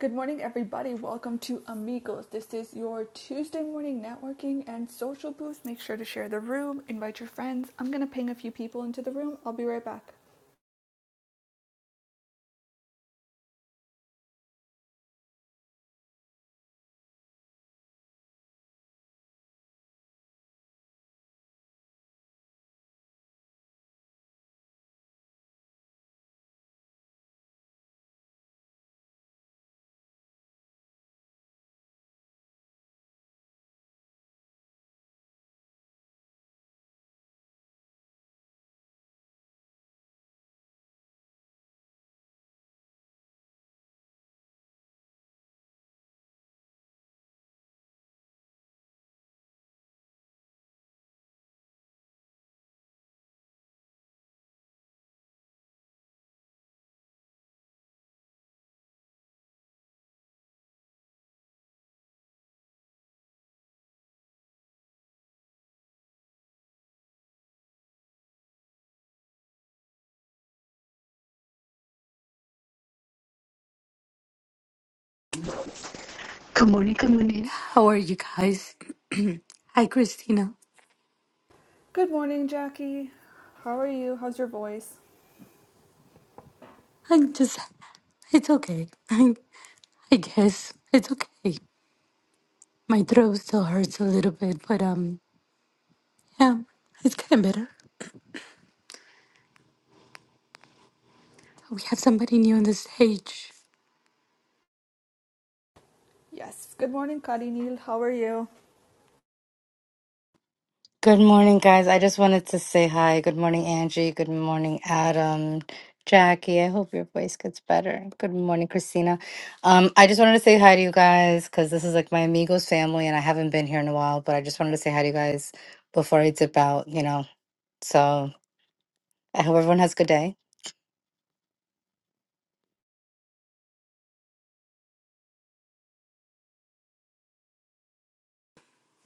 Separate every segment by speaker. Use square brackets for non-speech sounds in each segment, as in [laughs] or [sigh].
Speaker 1: Good morning, everybody. Welcome to Amigos. This is your Tuesday morning networking and social boost. Make sure to share the room, invite your friends. I'm going to ping a few people into the room. I'll be right back.
Speaker 2: Good morning, good morning. How are you guys? [clears throat] Hi, Christina.
Speaker 1: Good morning, Jackie. How are you? How's your voice?
Speaker 2: I'm just, it's okay. [laughs] I, I guess it's okay. My throat still hurts a little bit, but um, yeah, it's getting better. We have somebody new on the stage.
Speaker 1: Yes. Good morning, Karinil. How are you?
Speaker 3: Good morning, guys. I just wanted to say hi. Good morning, Angie. Good morning, Adam. Jackie, I hope your voice gets better. Good morning, Christina. Um, I just wanted to say hi to you guys because this is like my amigos family and I haven't been here in a while, but I just wanted to say hi to you guys before I dip out, you know. So I hope everyone has a good day.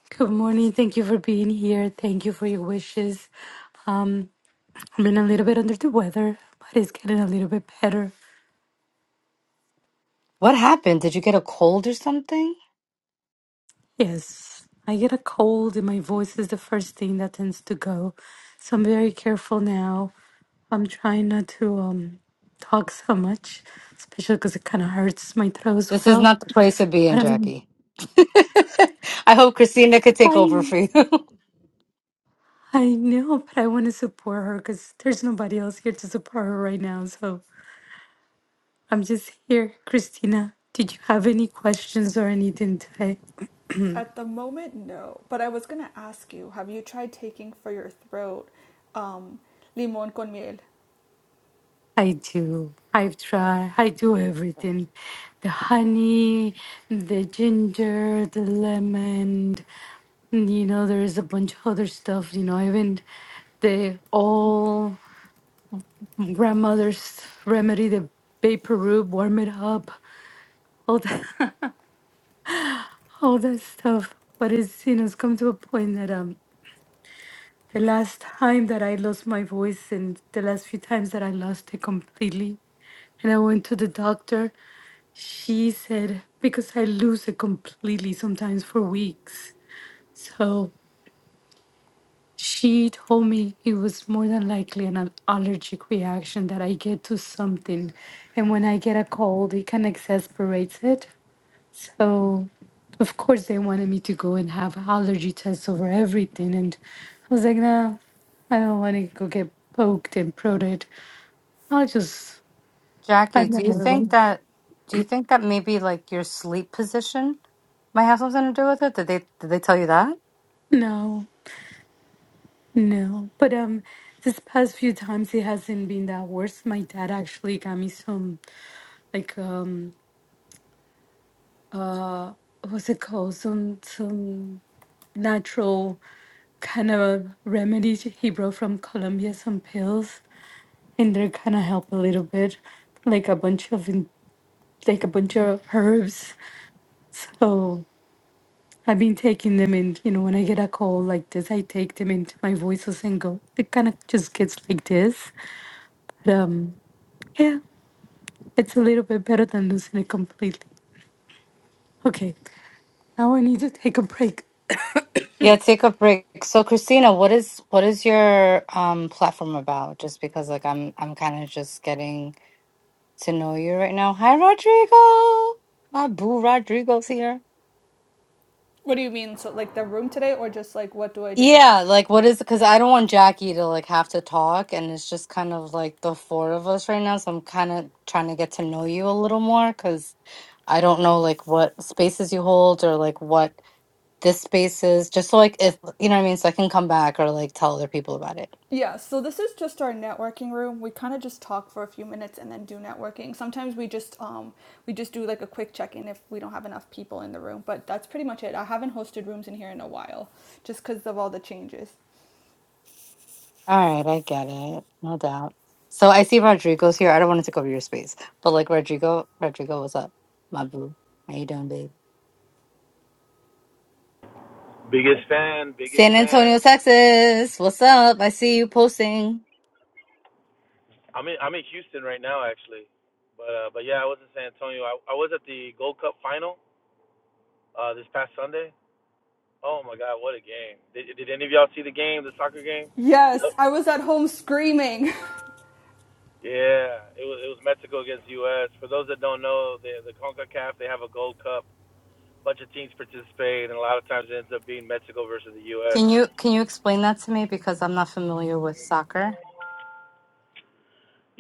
Speaker 2: Good morning. Thank you for being here. Thank you for your wishes. Um, I've been a little bit under the weather, but it's getting a little bit better.
Speaker 3: What happened? Did you get a cold or something?
Speaker 2: Yes, I get a cold and my voice is the first thing that tends to go. So I'm very careful now. I'm trying not to um talk so much, especially because it kind of hurts my throat as
Speaker 3: This is
Speaker 2: well.
Speaker 3: not the place to be in,
Speaker 2: But I'm,
Speaker 3: Jackie. [laughs] I hope Christina could take over for you. [laughs]
Speaker 2: I know, but I want to support her because there's nobody else here to support her right now. So I'm just here. Christina, did you have any questions or anything today?
Speaker 1: At the moment, no. But I was going to ask you have you tried taking for your throat um, limon con miel?
Speaker 2: I do. I have tried. I do everything. The honey, the ginger, the lemon, you know, there is a bunch of other stuff, you know, even the old grandmother's remedy, the vapor rub, warm it up, all that [laughs] all that stuff. But it's you know, it's come to a point that um The last time that I lost my voice and the last few times that I lost it completely, and I went to the doctor, she said, because I lose it completely sometimes for weeks. So she told me it was more than likely an allergic reaction that I get to something. And when I get a cold, it can exasperates it. So, of course, they wanted me to go and have allergy tests over everything. And I was like, no, I don't want to go get poked and prodded. I'll just
Speaker 3: Jackie,
Speaker 2: find
Speaker 3: do you
Speaker 2: another
Speaker 3: think
Speaker 2: one.
Speaker 3: that do you think that maybe like your sleep position might have something to do with it? Did they did they tell you that?
Speaker 2: No, no. But um, this past few times, it hasn't been that worse. My dad actually got me some, like, um, uh, what's it called? Some, some natural kind of remedies he brought from Colombia, some pills. and they're gonna help a little bit, like a bunch of in- like a bunch of herbs. So I've been taking them, and you know, when I get a cold like this, I take them into my voices and go. It kind of just gets like this, but um, yeah, it's a little bit better than losing it completely. Okay, now I need to take a break.
Speaker 3: Yeah, take a break. So Christina, what is what is your um platform about? Just because like I'm I'm kind of just getting to know you right now. Hi Rodrigo. My boo Rodrigo's here.
Speaker 1: What do you mean? So, like the room today, or just like what do I do?
Speaker 3: Yeah, like what is because I don't want Jackie to like have to talk, and it's just kind of like the four of us right now. So I'm kind of trying to get to know you a little more because I don't know like what spaces you hold or like what this space is, just so like if you know what I mean, so I can come back or like tell other people about it.
Speaker 1: Yeah, so this is just our networking room. We kind of just talk for a few minutes and then do networking. Sometimes we just um we just do like a quick check-in if we don't have enough people in the room, but that's pretty much it. I haven't hosted rooms in here in a while just cuz of all the changes.
Speaker 3: All right, I get it. No doubt. So I see Rodrigo's here. I don't want to take over your space, but like Rodrigo, Rodrigo, what's up? My boo. How you doing, babe?
Speaker 4: Biggest fan, biggest
Speaker 3: San
Speaker 4: fan.
Speaker 3: Antonio, Texas. What's up? I see you posting.
Speaker 4: I'm in I'm in Houston right now actually, but uh, but yeah, I was in San Antonio. I, I was at the Gold Cup final uh, this past Sunday. Oh my God, what a game! Did, did any of y'all see the game, the soccer game?
Speaker 1: Yes, I was at home screaming.
Speaker 4: Yeah, it was it was Mexico against U.S. For those that don't know, the the Concacaf they have a Gold Cup. Bunch of teams participate, and a lot of times it ends up being Mexico versus the U.S.
Speaker 3: Can you can you explain that to me because I'm not familiar with soccer?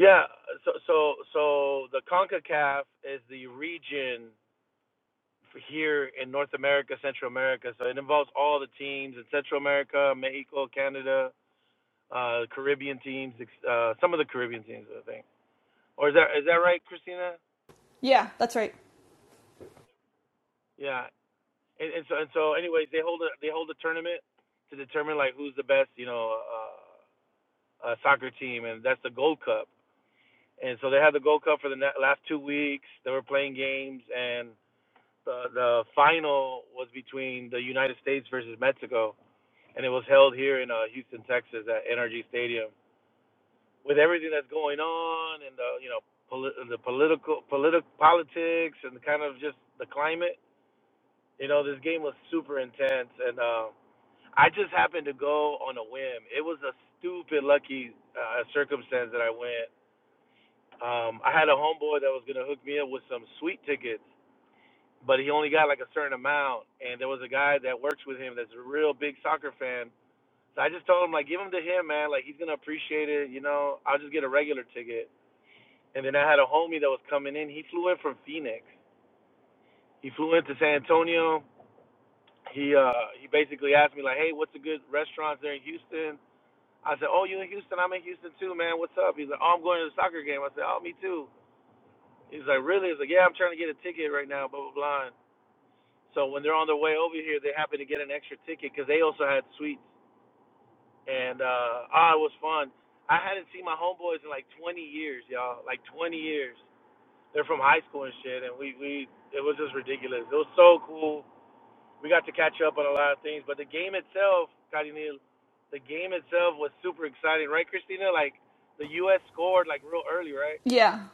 Speaker 4: Yeah, so so so the CONCACAF is the region for here in North America, Central America. So it involves all the teams in Central America, Mexico, Canada, uh, Caribbean teams, ex- uh, some of the Caribbean teams, I think. Or is that is that right, Christina?
Speaker 1: [laughs] yeah, that's right.
Speaker 4: Yeah. And, and so and so, anyways, they hold a they hold a tournament to determine like who's the best, you know, uh, uh, soccer team, and that's the Gold Cup. And so they had the Gold Cup for the na- last two weeks. They were playing games, and the the final was between the United States versus Mexico and it was held here in uh, Houston, Texas, at NRG Stadium. With everything that's going on, and the you know poli- the political politi- politics, and kind of just the climate, you know, this game was super intense. And uh, I just happened to go on a whim. It was a stupid lucky uh, circumstance that I went. Um, I had a homeboy that was gonna hook me up with some sweet tickets. But he only got like a certain amount, and there was a guy that works with him that's a real big soccer fan, So I just told him like, give them to him, man. Like he's gonna appreciate it. You know, I'll just get a regular ticket. And then I had a homie that was coming in. He flew in from Phoenix. He flew into San Antonio. He uh he basically asked me like, hey, what's a good restaurant there in Houston? I said, oh, you in Houston? I'm in Houston too, man. What's up? He's like, oh, I'm going to the soccer game. I said, oh, me too. He's like, really? He's like, yeah, I'm trying to get a ticket right now, blah blah blah. So when they're on their way over here, they happen to get an extra ticket because they also had suites. and uh ah, it was fun. I hadn't seen my homeboys in like 20 years, y'all. Like 20 years. They're from high school and shit, and we we it was just ridiculous. It was so cool. We got to catch up on a lot of things, but the game itself, Cardinal, the game itself was super exciting, right, Christina? Like the U.S. scored like real early, right?
Speaker 1: Yeah.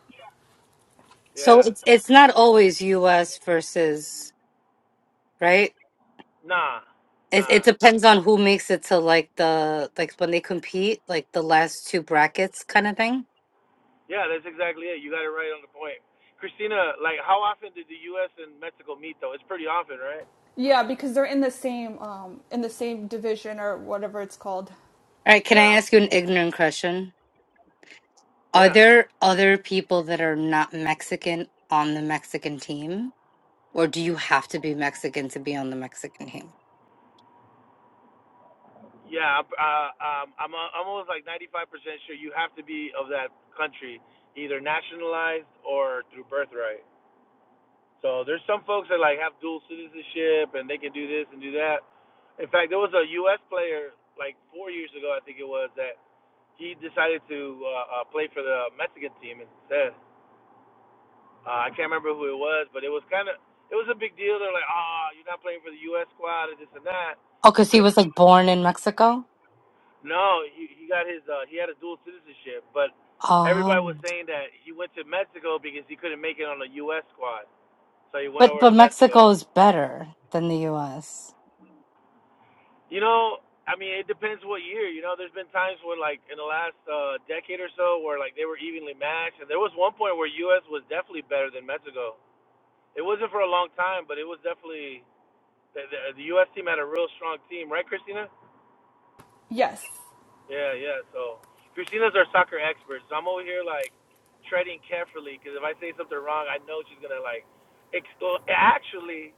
Speaker 3: So
Speaker 4: Yeah.
Speaker 3: it's it's not always US versus, right?
Speaker 4: Nah,
Speaker 3: It it
Speaker 4: nah.
Speaker 3: depends on who makes it to like the like when they compete, like the last two brackets kind of thing.
Speaker 4: Yeah, that's exactly it. You got it right on the point, Christina. Like, how often did the U.S. and Mexico meet though? It's pretty often, right?
Speaker 1: Yeah, because they're in the same um in the same division or whatever it's called.
Speaker 3: All right, can I
Speaker 4: Yeah.
Speaker 3: ask you an ignorant question? Are
Speaker 4: Yeah.
Speaker 3: there other people that are not Mexican on the Mexican team? Or do you have to be Mexican to be on the Mexican team?
Speaker 4: Yeah, uh, um, I'm, i am i am almost like 95% sure you have to be of that country, either nationalized or through birthright. So there's some folks that like have dual citizenship and they can do this and do that. In fact, there was a U.S. player like four years ago, I think it was, that he decided to uh, uh, play for the Mexican team instead. Uh, I can't remember who it was, but it was kind of it was a big deal. They're like, ah, oh, you're not playing for the U.S. squad and this and that.
Speaker 3: Oh, because he was like born in Mexico?
Speaker 4: No, he he got his uh he had a dual citizenship, but everybody was
Speaker 3: Oh.
Speaker 4: saying that he went to Mexico because he couldn't make it on the US squad. So he went
Speaker 3: But
Speaker 4: over
Speaker 3: but
Speaker 4: to
Speaker 3: Mexico
Speaker 4: Mexico.
Speaker 3: is better than the US.
Speaker 4: You know, I mean it depends what year, you know, there's been times where like in the last uh decade or so where like they were evenly matched and there was one point where US was definitely better than Mexico. It wasn't for a long time, but it was definitely the, the, the US team had a real strong team, right Christina?
Speaker 1: Yes.
Speaker 4: Yeah, yeah. So Christina's our soccer expert, so I'm over here like treading carefully because if I say something wrong, I know she's gonna like extol. Actually,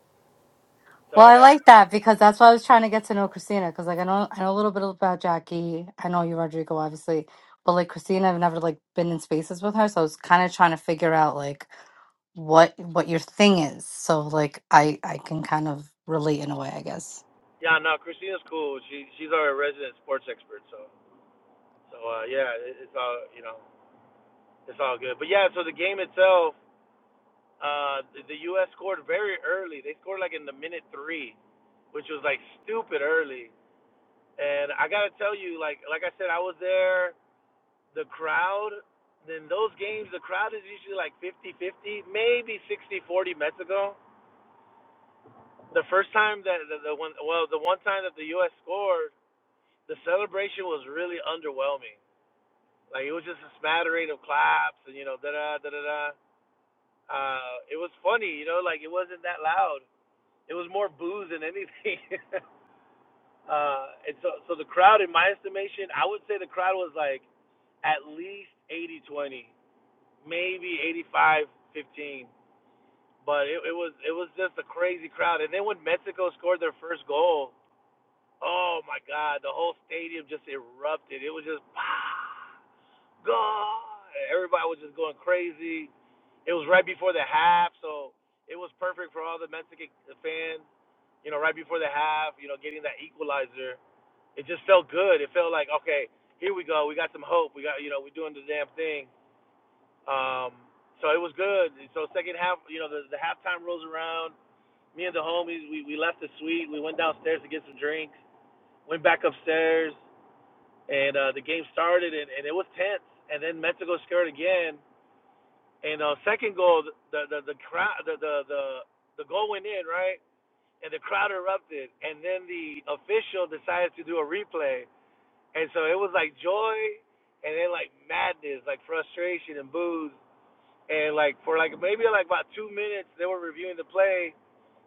Speaker 4: so
Speaker 3: Well,
Speaker 4: I
Speaker 3: I
Speaker 4: got
Speaker 3: like that because that's why I was trying to get to know Christina because like I know I know a little bit about Jackie. I know you, Rodrigo, obviously, but like Christina, I've never like been in spaces with her, so I was kind of trying to figure out like what what your thing is. So like I I can kind of relate in a way, I guess.
Speaker 4: yeah. No, Christina's cool. She she's our resident sports expert. So so uh, yeah, it, it's all you know, it's all good. But yeah, so the game itself, uh, the, the U.S. scored very early. They scored like in the minute three, which was like stupid early. And I gotta tell you, like like I said, I was there the crowd in those games the crowd is usually like fifty-fifty, maybe sixty-forty, mexico the first time that the, the one well the one time that the us scored the celebration was really underwhelming like it was just a smattering of claps and you know da da da da da uh it was funny you know like it wasn't that loud it was more booze than anything [laughs] uh and so so the crowd in my estimation i would say the crowd was like at least eighty-twenty, maybe eighty-five-fifteen. But it, it was it was just a crazy crowd. And then when Mexico scored their first goal, oh my God, the whole stadium just erupted. It was just ah, God. Everybody was just going crazy. It was right before the half, so it was perfect for all the Mexican fans. You know, right before the half, you know, getting that equalizer, it just felt good. It felt like okay, here we go. We got some hope. We got you know, we're doing the damn thing. Um, so it was good. So second half, you know, the, the halftime rolls around me and the homies, we, we left the suite. We went downstairs to get some drinks, went back upstairs, and uh, the game started, and, and it was tense. And then Mexico scored again. And uh, second goal, the the the crowd, the, the the the goal went in right, and the crowd erupted. And then the official decided to do a replay, and so it was like joy, and then like madness, like frustration and booze. And like for like maybe like about two minutes, they were reviewing the play,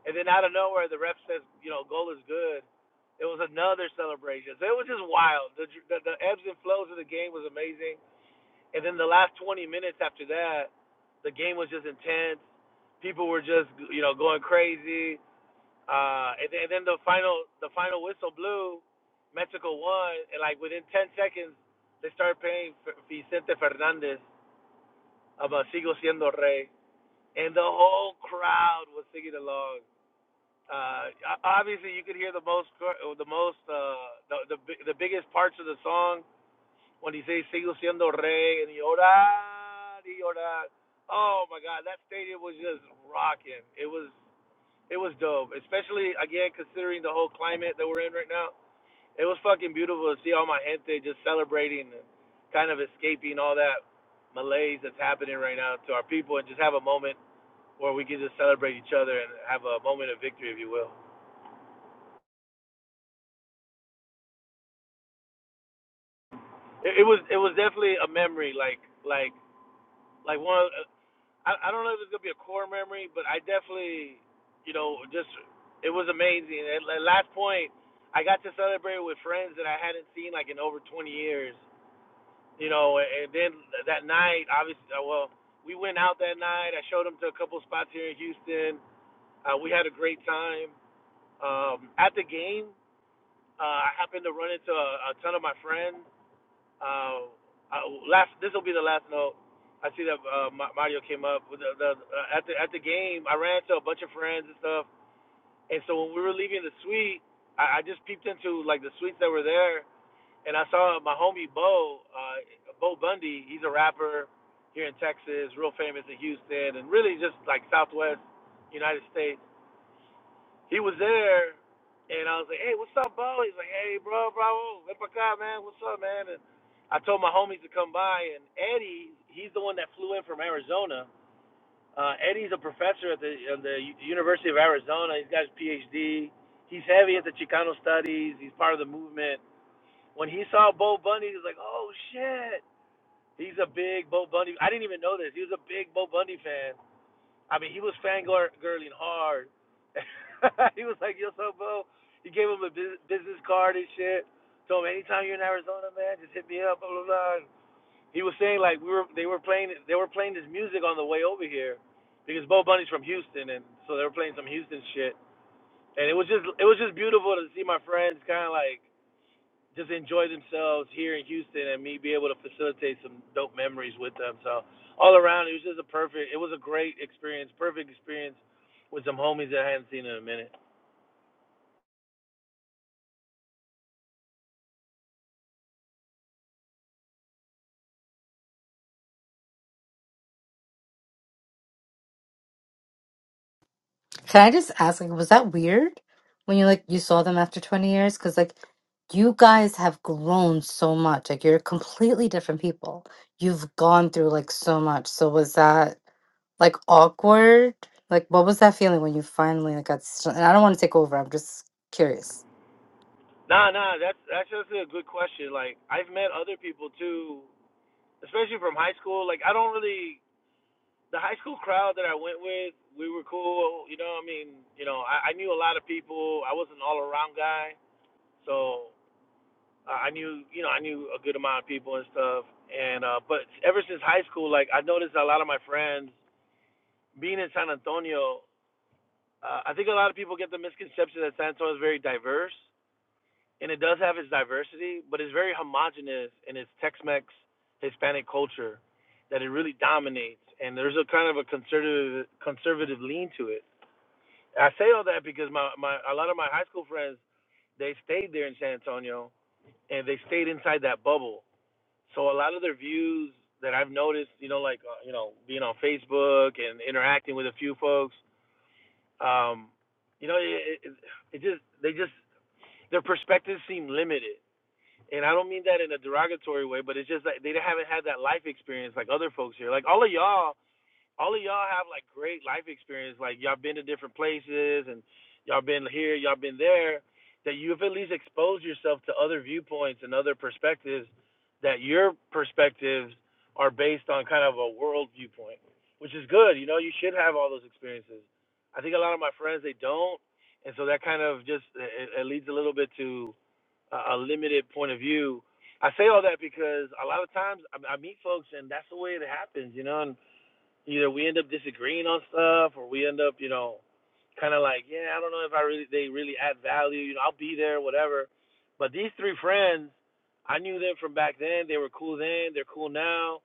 Speaker 4: And then out of nowhere, the ref says, you know, goal is good. It was another celebration. So it was just wild. The, the, the ebbs and flows of the game was amazing. And then the last 20 minutes after that, the game was just intense. People were just, you know, going crazy. Uh, and, then- and then the final, the final whistle blew. Mexico won, and like within 10 seconds, they started playing Vicente Fernandez about Sigo Siendo Rey, and the whole crowd was singing along uh obviously you could hear the most the most uh the the, the biggest parts of the song when he says sigo siendo rey and he orar y orar oh my god that stadium was just rocking it was it was dope especially again considering the whole climate that we're in right now it was fucking beautiful to see all my gente just celebrating and kind of escaping all that malaise that's happening right now to our people and just have a moment where we can just celebrate each other and have a moment of victory if you will It, it was it was definitely a memory, like like like one. Of, I I don't know if it's gonna be a core memory, but I definitely, you know, just it was amazing. At, at last point, I got to celebrate with friends that I hadn't seen like in over 20 years. You know, and then that night, obviously, uh, well, we went out that night. I showed them to a couple spots here in Houston. Uh, we had a great time. Um, at the game, uh, I happened to run into a, a ton of my friends Um, I, last this will be the last note. I see that uh, Ma- Mario came up with the, the uh, at the at the game. I ran to a bunch of friends and stuff, and so when we were leaving the suite, I, I just peeped into like the suites that were there, and I saw my homie Bo, uh, Bo Bundy. He's a rapper here in Texas, real famous in Houston, and really just like Southwest United States he was there, and I was like, "Hey, what's up, Bo?" He's like, "Hey, bro, bravo, ven pa' acá, man. What's up, man?" And I told my homies to come by, and Eddie, he's the one that flew in from Arizona. Uh, Eddie's a professor at the at the U- University of Arizona. He's got his PhD. He's heavy at the Chicano studies. He's part of the movement. When he saw Bo Bundy, he was like, "Oh shit." He's a big Bo Bundy. I didn't even know this. He was a big Bo Bundy fan. I mean, he was fangirling hard. [laughs] he was like, yo, so, bro. He gave him a business card and shit. Told him, anytime you're in Arizona, man, just hit me up, blah, blah, blah. He was saying, like, we were, they were playing, they were playing this music on the way over here because Bo Bunny's from Houston, and so they were playing some Houston shit. And it was just, it was just beautiful to see my friends kind of like, just enjoy themselves here in Houston and me be able to facilitate some dope memories with them. So all around, it was just a perfect. It was a great experience, perfect experience with some homies that I hadn't seen in a minute.
Speaker 3: Can I just ask, like, was that weird when you like you saw them after 20 years? Because like you guys have grown so much. Like you're completely different people. You've gone through like so much. So was that like awkward? Like what was that feeling when you finally like got s- and I don't want to take over. I'm just curious.
Speaker 4: Nah, nah, that's that's just a good question. Like I've met other people too, especially from high school. Like I don't really the high school crowd that I went with. We were cool, you know. I mean, you know, I, I knew a lot of people. I was an all around guy, so I knew, you know, I knew a good amount of people and stuff. And uh but ever since high school, like I noticed a lot of my friends being in San Antonio, uh, I think a lot of people get the misconception that San Antonio is very diverse, and it does have its diversity, but it's very homogenous in its Tex-Mex Hispanic culture that it really dominates, and there's a kind of a conservative conservative lean to it. I say all that because my my a lot of my high school friends they stayed there in San Antonio and they stayed inside that bubble So a lot of their views that I've noticed, you know, like uh, you know, being on Facebook and interacting with a few folks, um, you know, it, it, it just they just their perspectives seem limited, and I don't mean that in a derogatory way, but it's just like they haven't had that life experience like other folks here. Like all of y'all all of y'all have like great life experience. Like y'all been to different places and y'all been here, y'all been there. That you've at least exposed yourself to other viewpoints and other perspectives. That your perspectives are based on kind of a world viewpoint, which is good. You know, you should have all those experiences. I think a lot of my friends they don't, and so that kind of just it, it leads a little bit to a, a limited point of view. I say all that because a lot of times I, I meet folks and that's the way it happens, you know. and either we end up disagreeing on stuff or we end up, you know, kind of like, yeah, I don't know if I really they really add value. You know, I'll be there, whatever. But these three friends, I knew them from back then. They were cool then. They're cool now.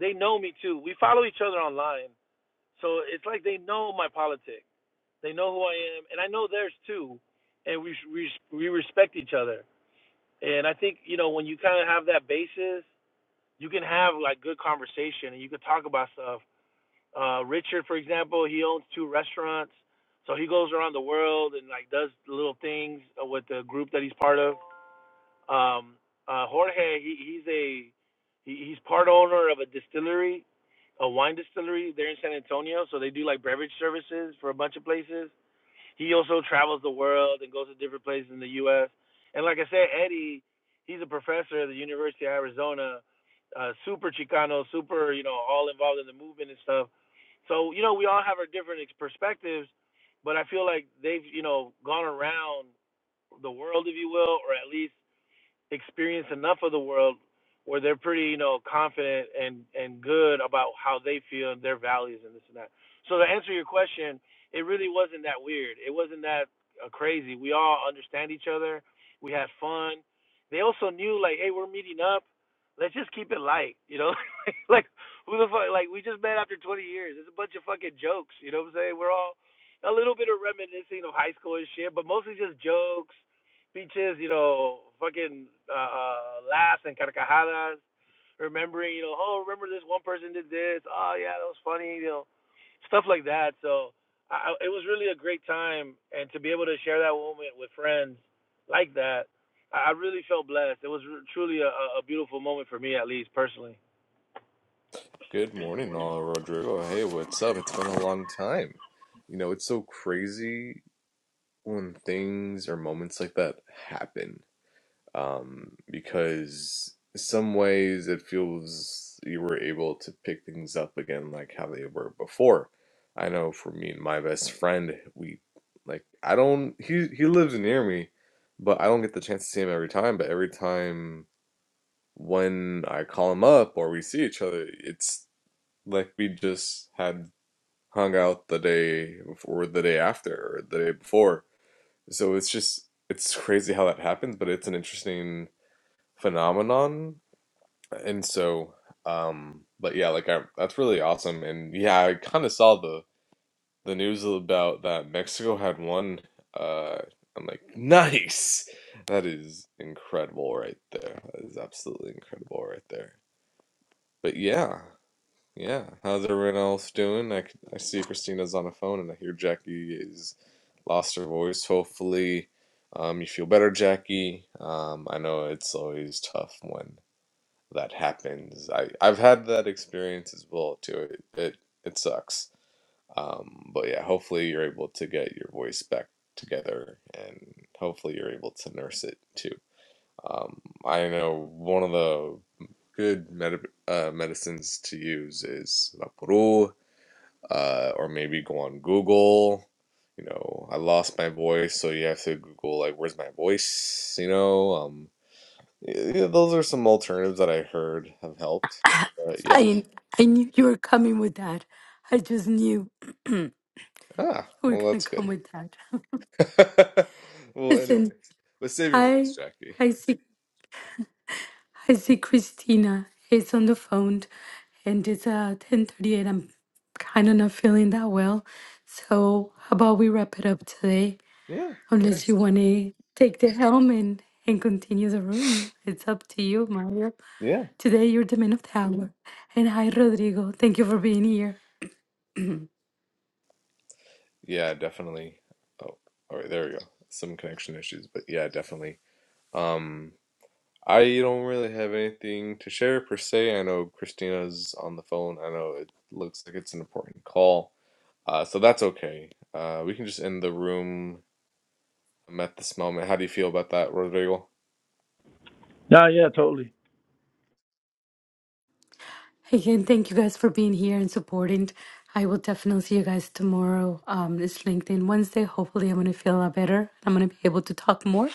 Speaker 4: They know me too. We follow each other online, so it's like they know my politics. They know who I am, and I know theirs too. And we we we respect each other. And I think you know when you kind of have that basis, you can have like good conversation and you can talk about stuff uh, Richard, for example, he owns two restaurants, so he goes around the world and like does little things uh, with the group that he's part of. Um, uh, Jorge, he, he's a he, he's part owner of a distillery, a wine distillery there in San Antonio. So they do like beverage services for a bunch of places. He also travels the world and goes to different places in the U.S. And like I said, Eddie, he's a professor at the University of Arizona, uh, super Chicano, super, you know, all involved in the movement and stuff. So, you know, we all have our different perspectives, but I feel like they've, you know, gone around the world, if you will, or at least experience enough of the world where they're pretty, you know, confident and and good about how they feel and their values and this and that. So to answer your question, it really wasn't that weird. It wasn't that uh, crazy. We all understand each other. We had fun. They also knew like, hey, we're meeting up. Let's just keep it light, you know. [laughs] like who the fuck? Like we just met after 20 years. It's a bunch of fucking jokes. You know what I'm saying? We're all a little bit of reminiscing of high school and shit, but mostly just jokes speeches, you know, fucking uh, uh, laughs and carcajadas, remembering, you know, oh, remember this one person did this, oh yeah, that was funny, you know, stuff like that. So I, it was really a great time, and to be able to share that moment with friends like that, I really felt blessed. It was truly a, a a beautiful moment for me, at least personally.
Speaker 5: Good morning, all Rodrigo. Hey, what's up? It's been a long time. You know, it's so crazy when things or moments like that happen. Um, because in some ways it feels you were able to pick things up again like how they were before. I know for me and my best friend, we like I don't he he lives near me, but I don't get the chance to see him every time, but every time when I call him up or we see each other, it's like we just had hung out the day before, the day after, or the day before. So it's just it's [laughs] crazy how that happens, but it's an interesting phenomenon. And so, um, but yeah, like I, that's really awesome. And yeah, I kind of saw the the news about that Mexico had won. Uh, I'm like, [laughs] nice. That is incredible right there. That is absolutely incredible right there. But yeah. Yeah, how's everyone else doing? I, c- I see Christina's on the phone and I hear Jackie is lost her voice. Hopefully, um, you feel better, Jackie. Um, I know it's always tough when that happens. I, I've had that experience as well too. It it, it sucks. Um, but yeah, hopefully you're able to get your voice back together and hopefully you're able to nurse it too. Um, I know one of the good med- uh, medicines to use is Rapuru, uh, or maybe go on Google. You know, I lost my voice, so you have to Google like, "Where's my voice?" You know, um, y- yeah, those are some alternatives that I heard have helped. But yeah,
Speaker 2: I I knew you were coming with that. I just knew [clears throat] you
Speaker 5: ah,
Speaker 2: were
Speaker 5: well,
Speaker 2: gonna
Speaker 5: that's
Speaker 2: come
Speaker 5: good.
Speaker 2: with that.
Speaker 5: [laughs] Well, anyway,
Speaker 2: Listen,
Speaker 5: but save your
Speaker 2: I
Speaker 5: voice, Jackie.
Speaker 2: I see. I see Christina is on the phone and it's uh 10:30 and I'm kind of not feeling that well. So how about we wrap it up today?
Speaker 5: Yeah, yeah,
Speaker 2: Unless you want to take the helm and, and continue the room. It's up to you, Mario.
Speaker 5: yeah,
Speaker 2: Today you're the man of the hour. And hi Rodrigo. Thank you for being here.
Speaker 5: yeah, definitely. Oh, all right, there we go. Some connection issues, but yeah, definitely. Um, I don't really have anything to share per se. I know Christina's on the phone. I know it looks like it's an important call. Uh, so that's okay. Uh, we can just end the room um, at this moment. How do you feel about that, Rodrigo?
Speaker 4: Yeah, yeah, totally.
Speaker 2: Again, thank you guys for being here and supporting. I will definitely see you guys tomorrow. Um, it's LinkedIn Wednesday. Hopefully, I'm gonna feel a lot better. I'm gonna be able to talk more.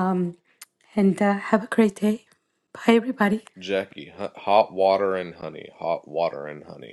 Speaker 2: Um, and uh, have a great day. Bye, everybody.
Speaker 5: Jackie, hu- hot water and honey. Hot water and honey.